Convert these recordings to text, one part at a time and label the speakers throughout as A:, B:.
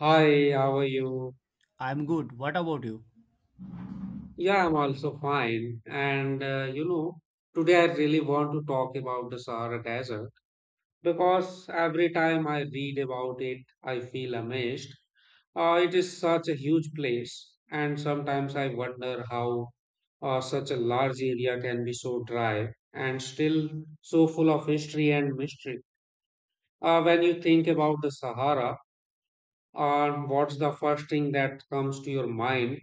A: Hi, how are you?
B: I'm good. What about you?
A: Yeah, I'm also fine. Today I really want to talk about the Sahara Desert because every time I read about it, I feel amazed. It is such a huge place, and sometimes I wonder how such a large area can be so dry and still so full of history and mystery. When you think about the Sahara, or what's the first thing that comes to your mind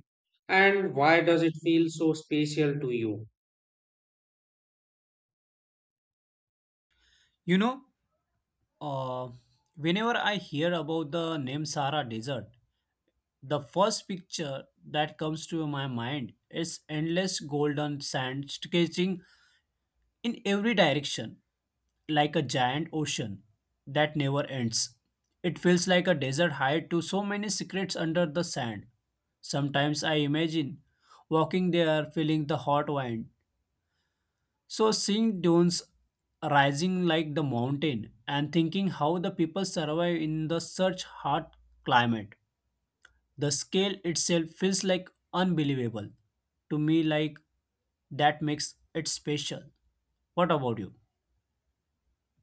A: and why does it feel so special to you?
B: You know, uh, whenever I hear about the name Sahara Desert, the first picture that comes to my mind is endless golden sand stretching in every direction, like a giant ocean that never ends. It feels like a desert hide to so many secrets under the sand. Sometimes I imagine walking there, feeling the hot wind. So seeing dunes rising like the mountain and thinking how the people survive in the such hot climate, the scale itself feels like unbelievable to me. Like that makes it special. What about you?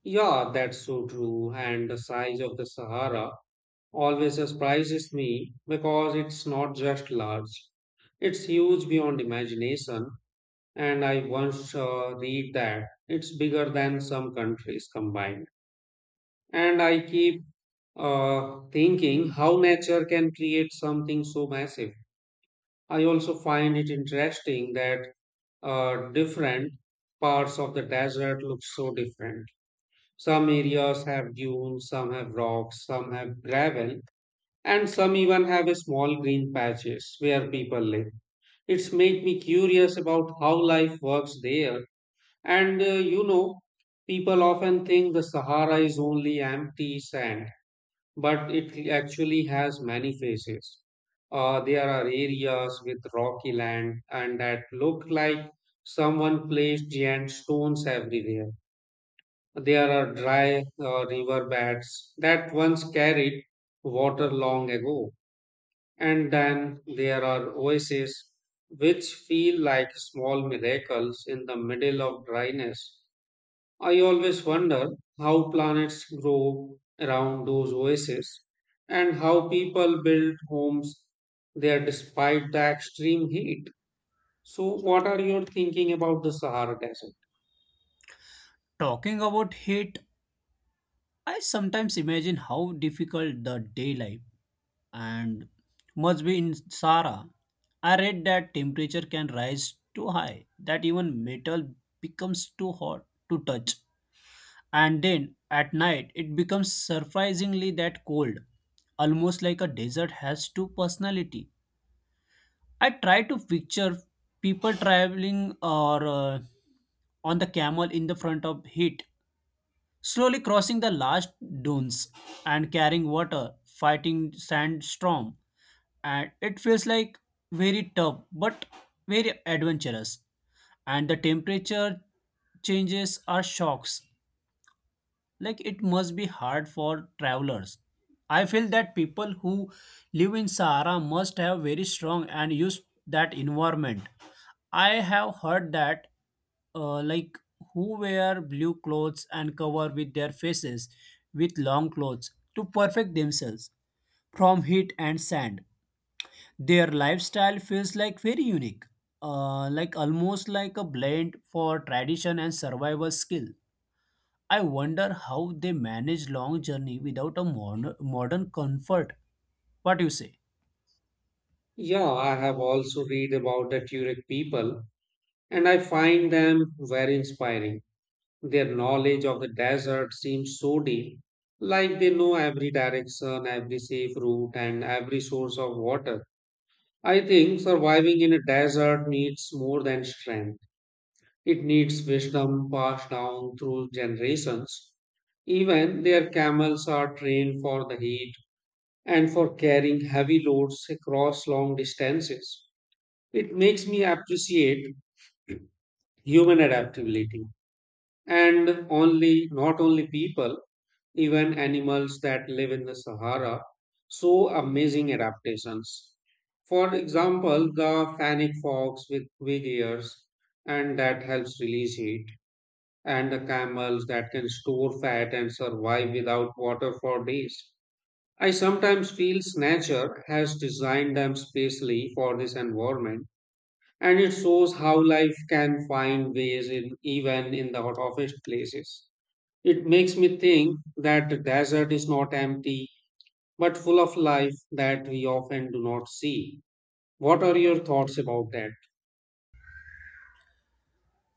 A: Yeah, that's so true. And the size of the Sahara always surprises me because it's not just large, it's huge beyond imagination. And I once read that it's bigger than some countries combined, and I keep thinking how nature can create something so massive. I also find it interesting that different parts of the desert look so different. Some areas have dunes, some have rocks, some have gravel, and some even have a small green patches where people live. It's made me curious about how life works there. And uh, you know, People often think the Sahara is only empty sand, but it actually has many faces. There are areas with rocky land and that look like someone placed giant stones everywhere. There are dry river beds that once carried water long ago. And then there are oases which feel like small miracles in the middle of dryness. I always wonder how planets grow around those oases and how people build homes there despite the extreme heat. So, what are your thinking about the Sahara Desert?
B: Talking about heat, I sometimes imagine how difficult the day life and must be in Sahara. I read that temperature can rise too high that even metal becomes too hot to touch, and then at night it becomes surprisingly that cold, almost like a desert has two personality. I try to picture people traveling or on the camel in the front of heat, slowly crossing the last dunes and carrying water, fighting sandstorm. And it feels like very tough but very adventurous. And the temperature changes are shocks, like it must be hard for travelers. I feel that people who live in Sahara must have very strong and use that environment. I have heard that like, who wear blue clothes and cover with their faces with long clothes to perfect themselves from heat and sand. Their lifestyle feels like very unique, like almost like a blend for tradition and survival skill. I wonder how they manage long journey without a modern comfort. What you say?
A: Yeah, I have also read about the Turek people and I find them very inspiring. Their knowledge of the desert seems so deep, like they know every direction, every safe route, and every source of water. I think surviving in a desert needs more than strength. It needs wisdom passed down through generations. Even their camels are trained for the heat and for carrying heavy loads across long distances. It makes me appreciate human adaptability, and only not only people, even animals that live in the Sahara show amazing adaptations. For example, the fennec fox with big ears and that helps release heat, and the camels that can store fat and survive without water for days. I sometimes feel nature has designed them specially for this environment, and it shows how life can find ways in even in the toughest places. It makes me think that the desert is not empty, but full of life that we often do not see. What are your thoughts about that?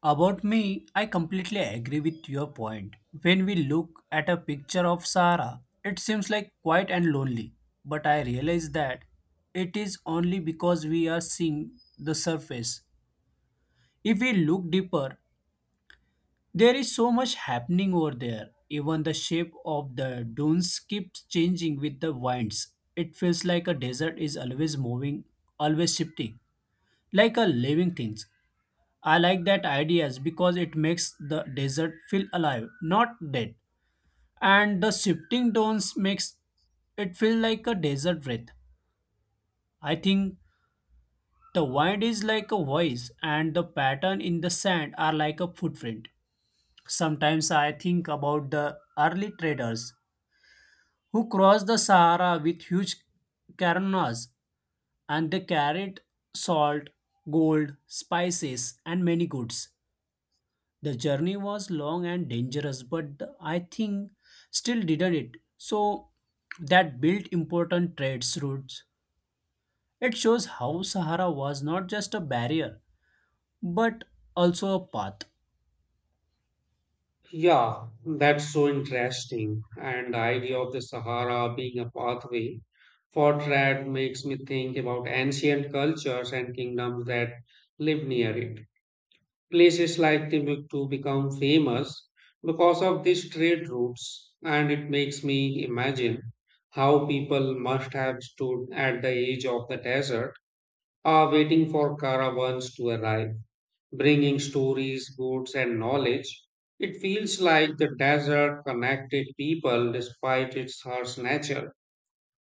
B: About me, I completely agree with your point. When we look at a picture of Sahara, it seems like quiet and lonely. But I realize that it is only because we are seeing the surface. If we look deeper, there is so much happening over there. Even the shape of the dunes keeps changing with the winds. It feels like a desert is always moving, always shifting, like a living thing. I like that ideas because it makes the desert feel alive, not dead. And the shifting dunes makes it feel like a desert breath. I think the wind is like a voice and the pattern in the sand are like a footprint. Sometimes I think about the early traders who crossed the Sahara with huge caravans, and they carried salt, gold, spices, and many goods. The journey was long and dangerous, but I think still didn't it. So that built important trade routes. It shows how Sahara was not just a barrier, but also a path.
A: Yeah, that's so interesting. And the idea of the Sahara being a pathway for trade makes me think about ancient cultures and kingdoms that live near it. Places like Timbuktu become famous because of these trade routes, and it makes me imagine how people must have stood at the edge of the desert, waiting for caravans to arrive, bringing stories, goods, and knowledge. It feels like the desert connected people despite its harsh nature.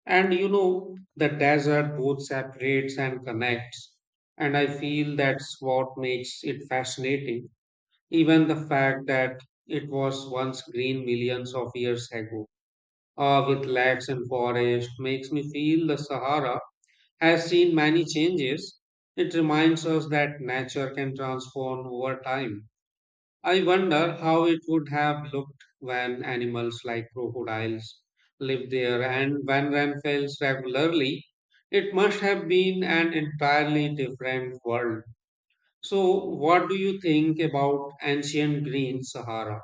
A: And you know, the desert both separates and connects, and I feel that's what makes it fascinating. Even the fact that it was once green millions of years ago, with lakes and forests, makes me feel the Sahara has seen many changes. It reminds us that nature can transform over time. I wonder how it would have looked when animals like crocodiles lived there and when rain falls regularly. It must have been an entirely different world. So, what do you think about ancient green Sahara?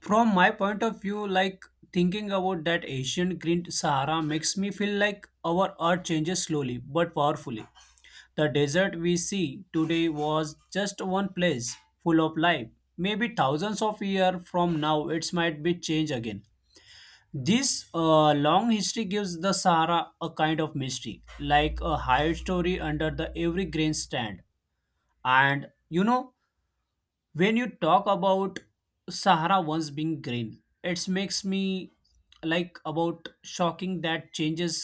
B: From my point of view, like thinking about that ancient green Sahara makes me feel like our earth changes slowly but powerfully. The desert we see today was just one place full of life. Maybe thousands of years from now, it might be changed again. This long history gives the Sahara a kind of mystery, like a hidden story under the every grain stand. And you know, when you talk about Sahara once being green, it makes me like about shocking that changes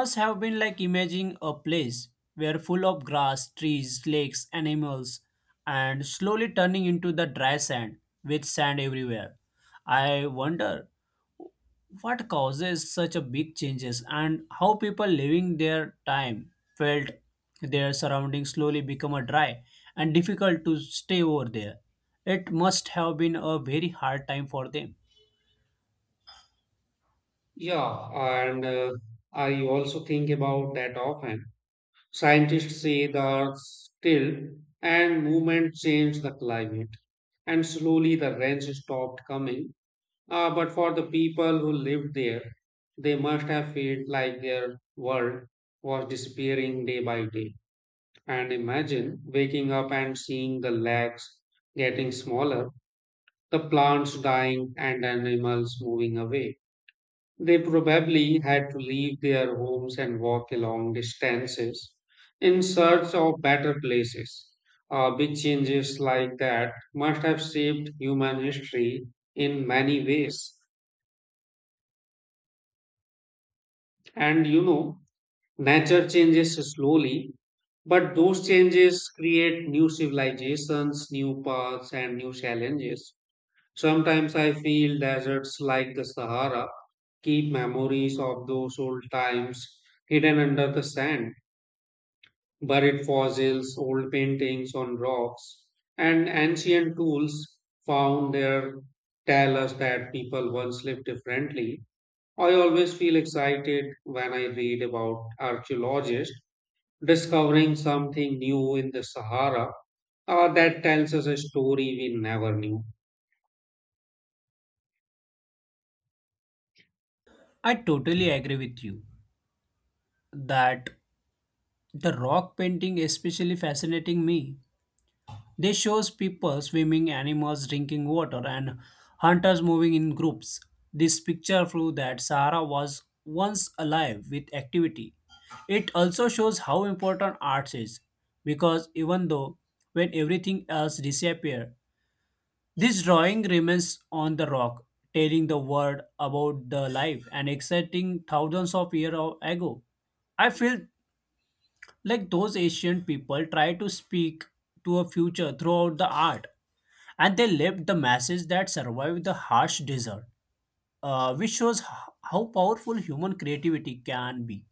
B: must have been, like imagining a place where full of grass, trees, lakes, animals, and slowly turning into the dry sand with sand everywhere. I wonder what causes such a big changes and how people living their time felt their surroundings slowly become a dry and difficult to stay over there. It must have been a very hard time for them.
A: Yeah, and I also think about that often. Scientists say the still and movement changed the climate, and slowly the rains stopped coming. But for the people who lived there, they must have felt like their world was disappearing day by day. And imagine waking up and seeing the lakes getting smaller, the plants dying, and animals moving away. They probably had to leave their homes and walk long distances in search of better places. Big changes like that must have shaped human history in many ways. And you know, nature changes slowly, but those changes create new civilizations, new paths, and new challenges. Sometimes I feel deserts like the Sahara keep memories of those old times hidden under the sand, buried fossils, old paintings on rocks, and ancient tools found there tell us that people once lived differently. I always feel excited when I read about archaeologists discovering something new in the Sahara that tells us a story we never knew.
B: I totally agree with you that the rock painting especially fascinating me. They shows people swimming, animals drinking water, and hunters moving in groups. This picture proves that Sahara was once alive with activity. It also shows how important art is, because even though when everything else disappears, this drawing remains on the rock, telling the world about the life and exciting thousands of years ago. I feel like those ancient people try to speak to a future throughout the art, and they left the message that survived the harsh desert, which shows how powerful human creativity can be.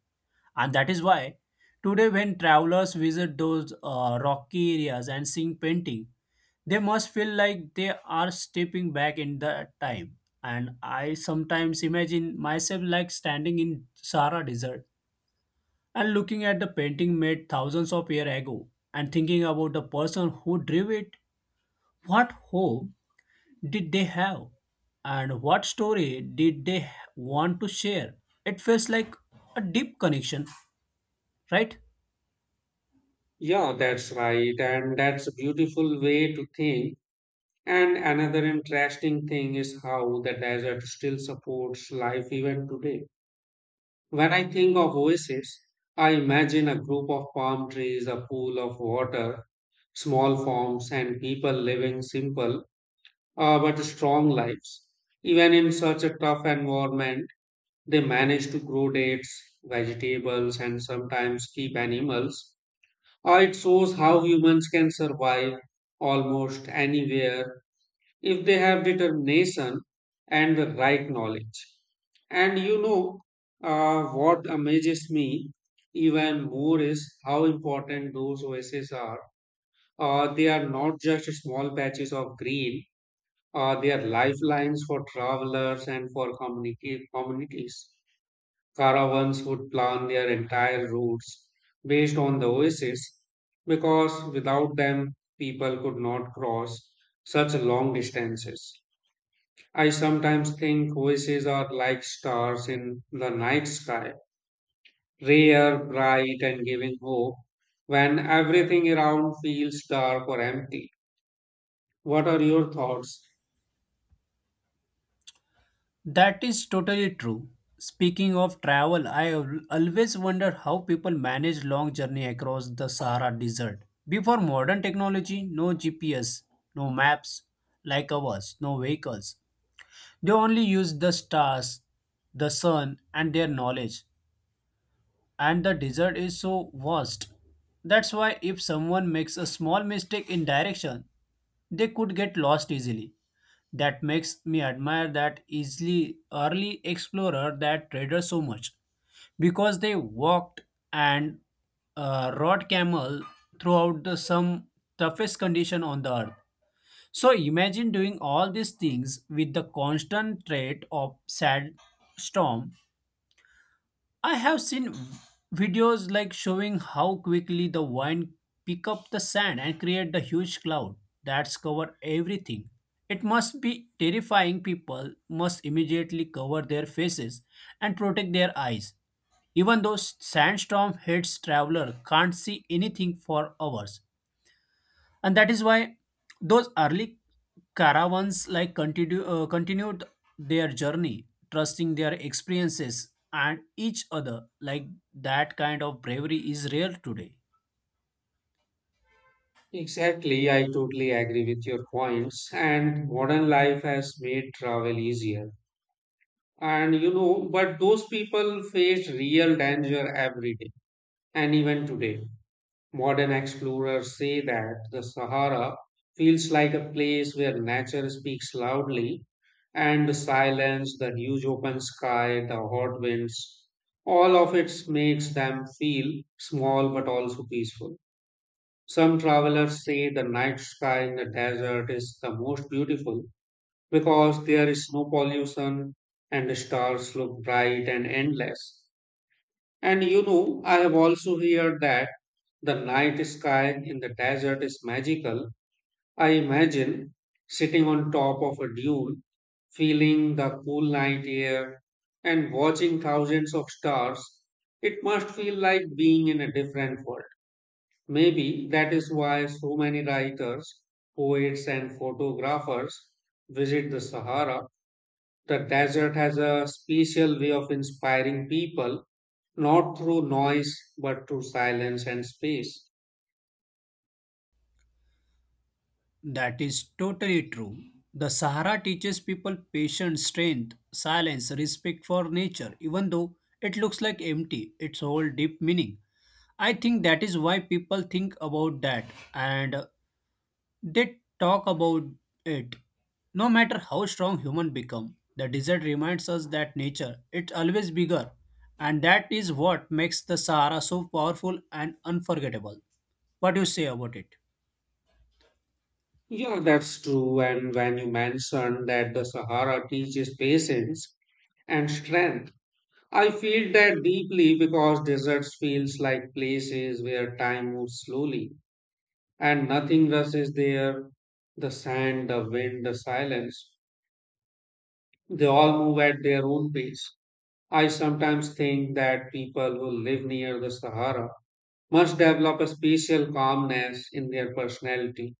B: And that is why today, when travelers visit those rocky areas and seeing painting, they must feel like they are stepping back in the time. And I sometimes imagine myself like standing in Sahara Desert and looking at the painting made thousands of years ago and thinking about the person who drew it. What hope did they have and what story did they want to share? It feels like a deep connection, right?
A: Yeah, that's right. And that's a beautiful way to think. And another interesting thing is how the desert still supports life even today. When I think of oasis, I imagine a group of palm trees, a pool of water, small farms, and people living simple but strong lives. Even in such a tough environment, they manage to grow dates, vegetables, and sometimes keep animals. It shows how humans can survive almost anywhere if they have determination and the right knowledge. And you know, what amazes me even more is how important those oases are. They are not just small patches of green, they are lifelines for travelers and for communities. Caravans would plan their entire routes based on the oases because without them, people could not cross such long distances. I sometimes think oases are like stars in the night sky, rare, bright, and giving hope when everything around feels dark or empty. What are your thoughts?
B: That is totally true. Speaking of travel, always wonder how people manage long journey across the Sahara Desert before modern technology. No GPS, no maps like ours, no vehicles. They only used the stars, the sun, and their knowledge. And the desert is so vast. That's why if someone makes a small mistake in direction, they could get lost easily. That makes me admire that easily early explorer that trader so much because they walked and rode camel throughout the some toughest condition on the earth. So imagine doing all these things with the constant threat of sad storm. I have seen videos like showing how quickly the wind pick up the sand and create the huge cloud that's cover everything. It must be terrifying. People must immediately cover their faces and protect their eyes. Even though sandstorm hits, traveler can't see anything for hours. And that is why those early caravans like continued their journey, trusting their experiences and each other. Like that kind of bravery is rare today.
A: Exactly, I totally agree with your points, and modern life has made travel easier. And you know, but those people faced real danger every day. And even today, modern explorers say that the Sahara feels like a place where nature speaks loudly, and the silence, the huge open sky, the hot winds, all of it makes them feel small but also peaceful. Some travelers say the night sky in the desert is the most beautiful because there is no pollution and the stars look bright and endless. And you know, I have also heard that the night sky in the desert is magical. I imagine sitting on top of a dune, feeling the cool night air and watching thousands of stars. It must feel like being in a different world. Maybe that is why so many writers, poets, and photographers visit the Sahara. The desert has a special way of inspiring people, not through noise, but through silence and space.
B: That is totally true. The Sahara teaches people patience, strength, silence, respect for nature. Even though it looks like empty, its whole deep meaning. I think that is why people think about that and they talk about it. No matter how strong human become, the desert reminds us that nature it's always bigger, and that is what makes the Sahara so powerful and unforgettable. What do you say about it?
A: Yeah, that's true. And when you mentioned that the Sahara teaches patience and strength, I feel that deeply because deserts feels like places where time moves slowly and nothing rushes there. The sand, the wind, the silence, they all move at their own pace. I sometimes think that people who live near the Sahara must develop a special calmness in their personality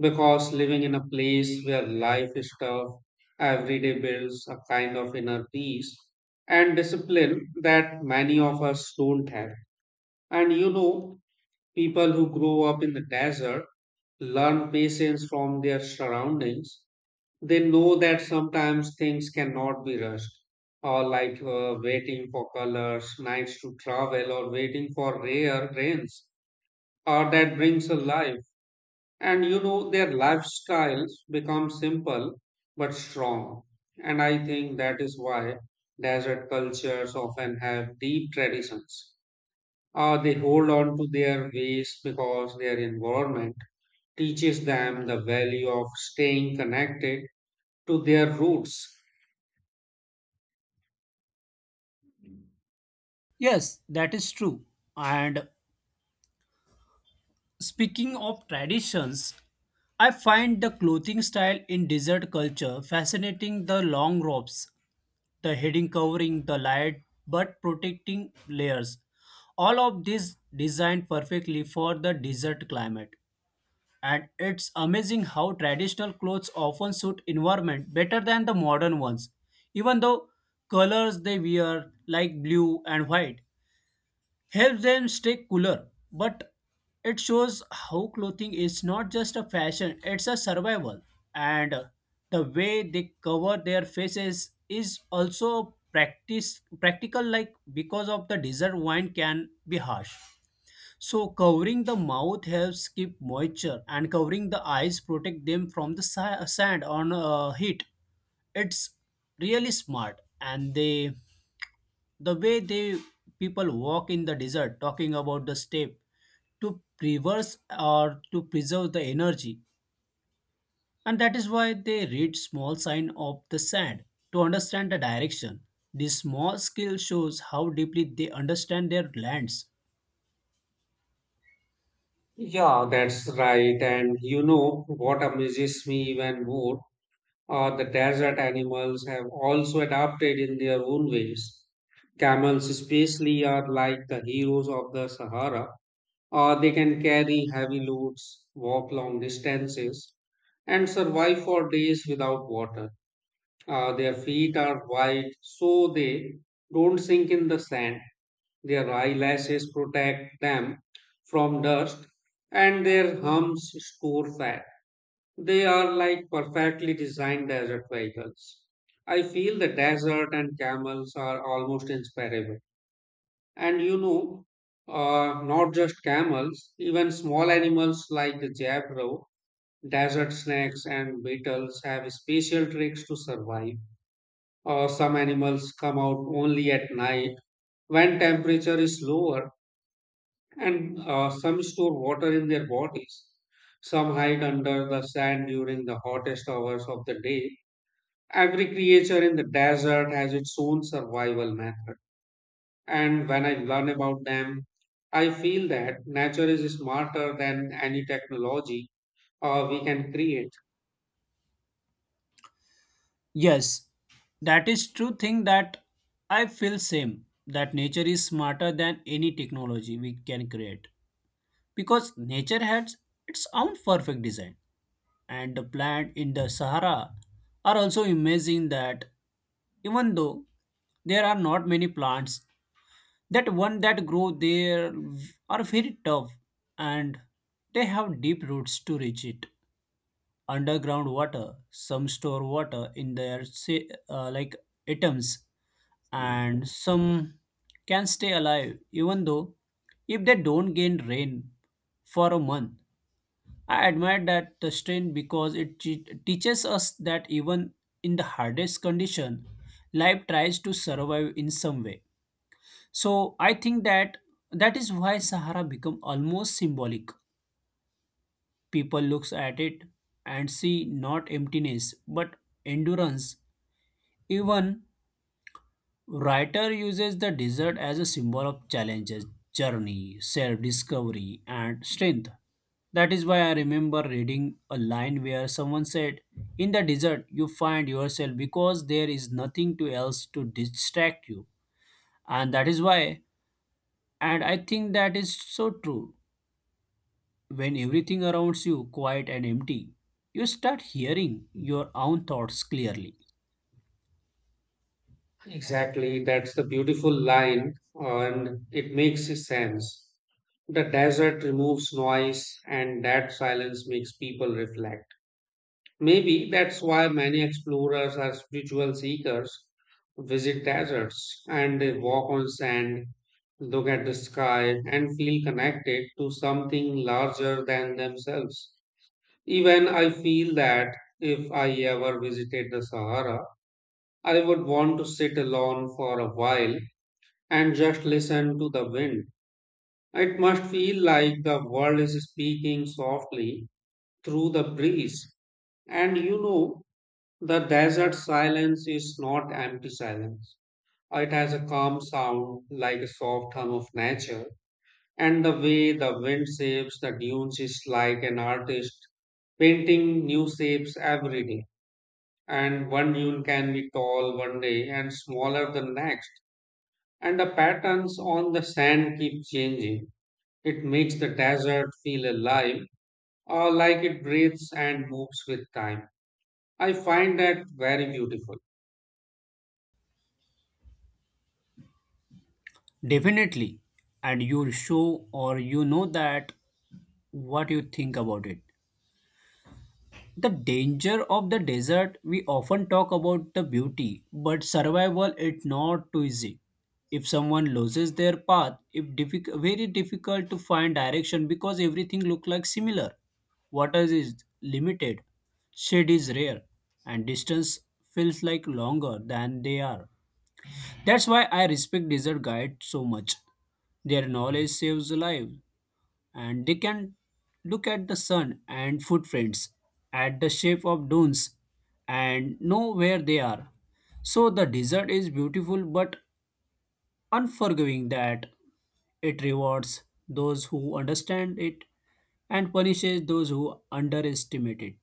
A: because living in a place where life is tough every day builds a kind of inner peace and discipline that many of us don't have. And you know, people who grow up in the desert learn patience from their surroundings. They know that sometimes things cannot be rushed, or like waiting for colors, nights to travel, or waiting for rare rains, or that brings a life. And you know, their lifestyles become simple but strong. And I think that is why desert cultures often have deep traditions. They hold on to their ways because their environment teaches them the value of staying connected to their roots.
B: Yes, that is true. And speaking of traditions, I find the clothing style in desert culture fascinating. The long robes, the heading covering, the light but protecting layers. All of this designed perfectly for the desert climate. And it's amazing how traditional clothes often suit environment better than the modern ones. Even though colors they wear like blue and white helps them stay cooler, but it shows how clothing is not just a fashion, it's a survival. And the way they cover their faces is also practice practical, like because of the desert wind can be harsh. So covering the mouth helps keep moisture and covering the eyes protect them from the sand on heat. It's really smart. And they the way they people walk in the desert, talking about the step to reverse or to preserve the energy. And that is why they read small sign of the sand to understand the direction. This small skill shows how deeply they understand their lands.
A: Yeah, that's right. And you know what amazes me even more are the desert animals have also adapted in their own ways. Camels, especially, are like the heroes of the Sahara. They can carry heavy loads, walk long distances, and survive for days without water. Their feet are wide, so they don't sink in the sand. Their eyelashes protect them from dust, and their humps store fat. They are like perfectly designed desert vehicles. I feel the desert and camels are almost inseparable. And you know, Not just camels, even small animals like the jaguar, desert snakes, and beetles have special tricks to survive. Some animals come out only at night when temperature is lower, and some store water in their bodies. Some hide under the sand during the hottest hours of the day. Every creature in the desert has its own survival method. And when I learn about them, I feel that nature is smarter than any technology we can create.
B: Yes, that is true thing that I feel same, that nature is smarter than any technology we can create, because nature has its own perfect design. And the plants in the Sahara are also amazing that even though there are not many plants, that one that grow there are very tough and they have deep roots to reach it. Underground water, some store water in their say, like atoms, and some can stay alive even though if they don't gain rain for a month. I admire that the strain because it teaches us that even in the hardest condition, life tries to survive in some way. So I think that that is why Sahara become almost symbolic. People looks at it and see not emptiness but endurance. Even writer uses the desert as a symbol of challenges, journey, self-discovery, and strength. That is why I remember reading a line where someone said, "In the desert, you find yourself because there is nothing to else to distract you." And that is why, and I think that is so true. When everything around you quiet and empty, you start hearing your own thoughts clearly.
A: Exactly, that's the beautiful line, and it makes sense. The desert removes noise, and that silence makes people reflect. Maybe that's why many explorers or spiritual seekers visit deserts and they walk on sand, look at the sky, and feel connected to something larger than themselves. Even I feel that if I ever visited the Sahara, I would want to sit alone for a while and just listen to the wind. It must feel like the world is speaking softly through the breeze. And you know, the desert silence is not empty silence. It has a calm sound like a soft hum of nature, and the way the wind shapes the dunes is like an artist painting new shapes every day. And one dune can be tall one day and smaller the next, and the patterns on the sand keep changing. It makes the desert feel alive, or like it breathes and moves with time. I find that very beautiful.
B: Definitely. And you'll show or you know that what you think about it. The danger of the desert, we often talk about the beauty, but survival it's not too easy. If someone loses their path, if very difficult to find direction because everything look like similar. Water is limited, shade is rare, and distance feels like longer than they are. That's why I respect desert guides so much. Their knowledge saves lives, and they can look at the sun and footprints, at the shape of dunes, and know where they are. So the desert is beautiful but unforgiving, that it rewards those who understand it and punishes those who underestimate it.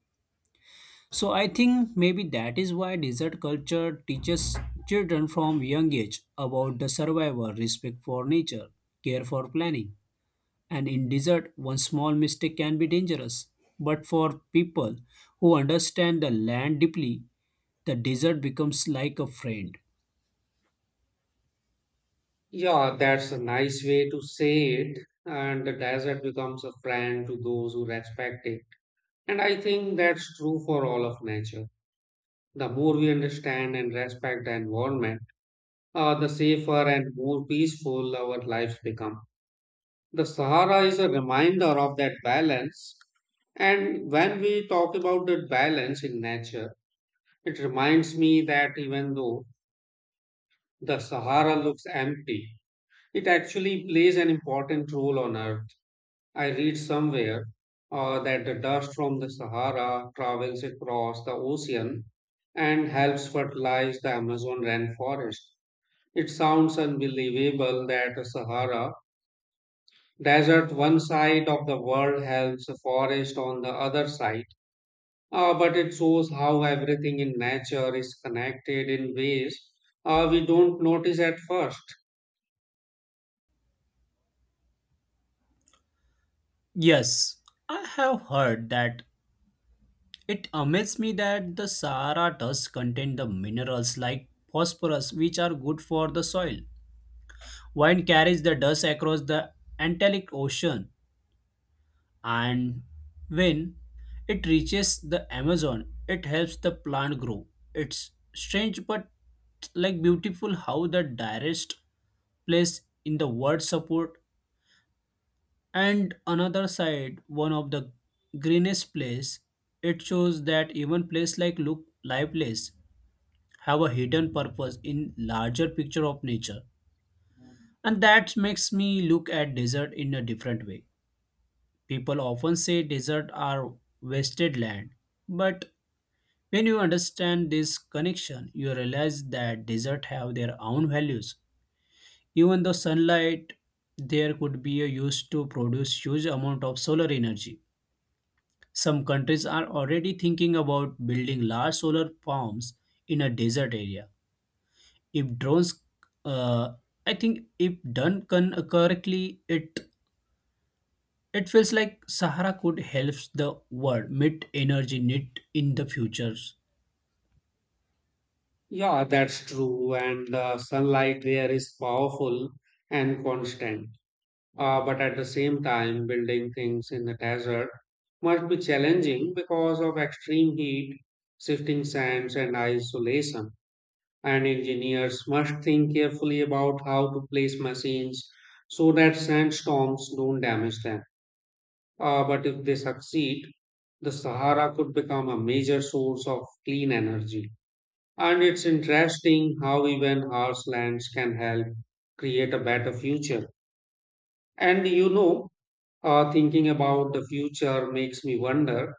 B: So I think maybe that is why desert culture teaches children from young age about the survival, respect for nature, care for planning. And in desert, one small mistake can be dangerous. But for people who understand the land deeply, the desert becomes like a friend.
A: Yeah, that's a nice way to say it. And the desert becomes a friend to those who respect it. And I think that's true for all of nature. The more we understand and respect the environment, the safer and more peaceful our lives become. The Sahara is a reminder of that balance. And when we talk about that balance in nature, it reminds me that even though the Sahara looks empty, it actually plays an important role on Earth. I read somewhere that the dust from the Sahara travels across the ocean and helps fertilize the Amazon rainforest. It sounds unbelievable that the Sahara desert, one side of the world, helps the forest on the other side. But it shows how everything in nature is connected in ways we don't notice at first.
B: Yes, I have heard that. It amazes me that the Sahara does contain the minerals like phosphorus, which are good for the soil. Wind carries the dust across the Atlantic Ocean, and when it reaches the Amazon, it helps the plant grow. It's strange but like beautiful how the direst place in the world support and another side one of the greenest place. It shows that even place like look lifeless have a hidden purpose in larger picture of nature. And that makes me look at desert in a different way. People often say deserts are wasted land, but when you understand this connection, you realize that deserts have their own values. Even though sunlight there could be a use to produce huge amount of solar energy. Some countries are already thinking about building large solar farms in a desert area. If drones, uh, I think if done correctly, it feels like Sahara could help the world meet energy need in the futures.
A: Yeah, that's true. And the sunlight there is powerful and constant. But at the same time, building things in the desert must be challenging because of extreme heat, shifting sands, and isolation. And engineers must think carefully about how to place machines so that sandstorms don't damage them. But if they succeed, the Sahara could become a major source of clean energy. And it's interesting how even harsh lands can help create a better future. And you know, Thinking about the future makes me wonder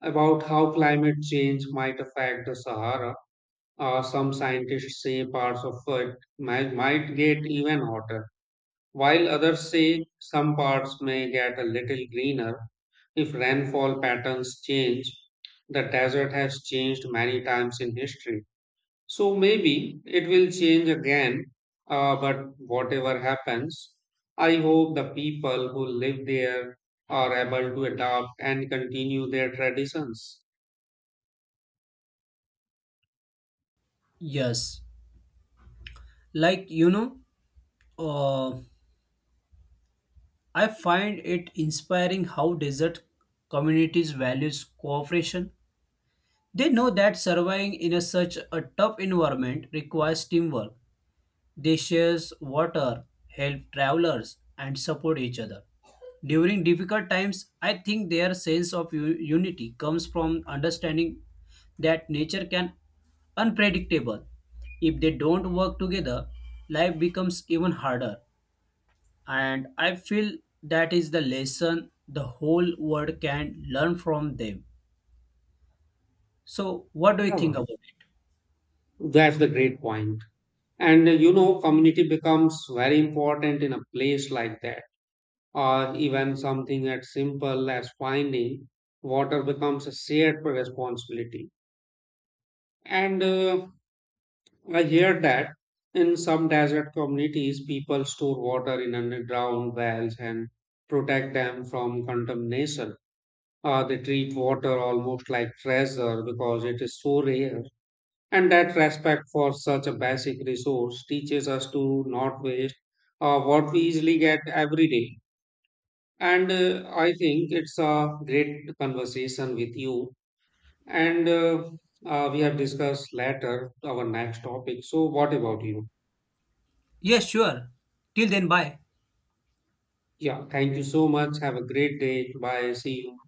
A: about how climate change might affect the Sahara. Some scientists say parts of it might get even hotter, while others say some parts may get a little greener if rainfall patterns change. The desert has changed many times in history, so maybe it will change again, but whatever happens, I hope the people who live there are able to adapt and continue their traditions.
B: Yes, like you know, uh, I find it inspiring how desert communities values cooperation. They know that surviving in a such a tough environment requires teamwork. They share water, help travelers, and support each other during difficult times. I think their sense of unity comes from understanding that nature can unpredictable. If they don't work together, life becomes even harder. And I feel that is the lesson the whole world can learn from them. So, what do you think
A: Yeah,
B: about it?
A: that's the great point. And you know, community becomes very important in a place like that. Or even something as simple as finding water becomes a shared responsibility. And I hear that in some desert communities, people store water in underground wells and protect them from contamination. They treat water almost like treasure because it is so rare. And that respect for such a basic resource teaches us to not waste what we easily get every day. And I think it's a great conversation with you. And We have discussed later our next topic. So, what about you?
B: Yes, sure. Till then, bye.
A: Yeah, thank you so much. Have a great day. Bye. See you.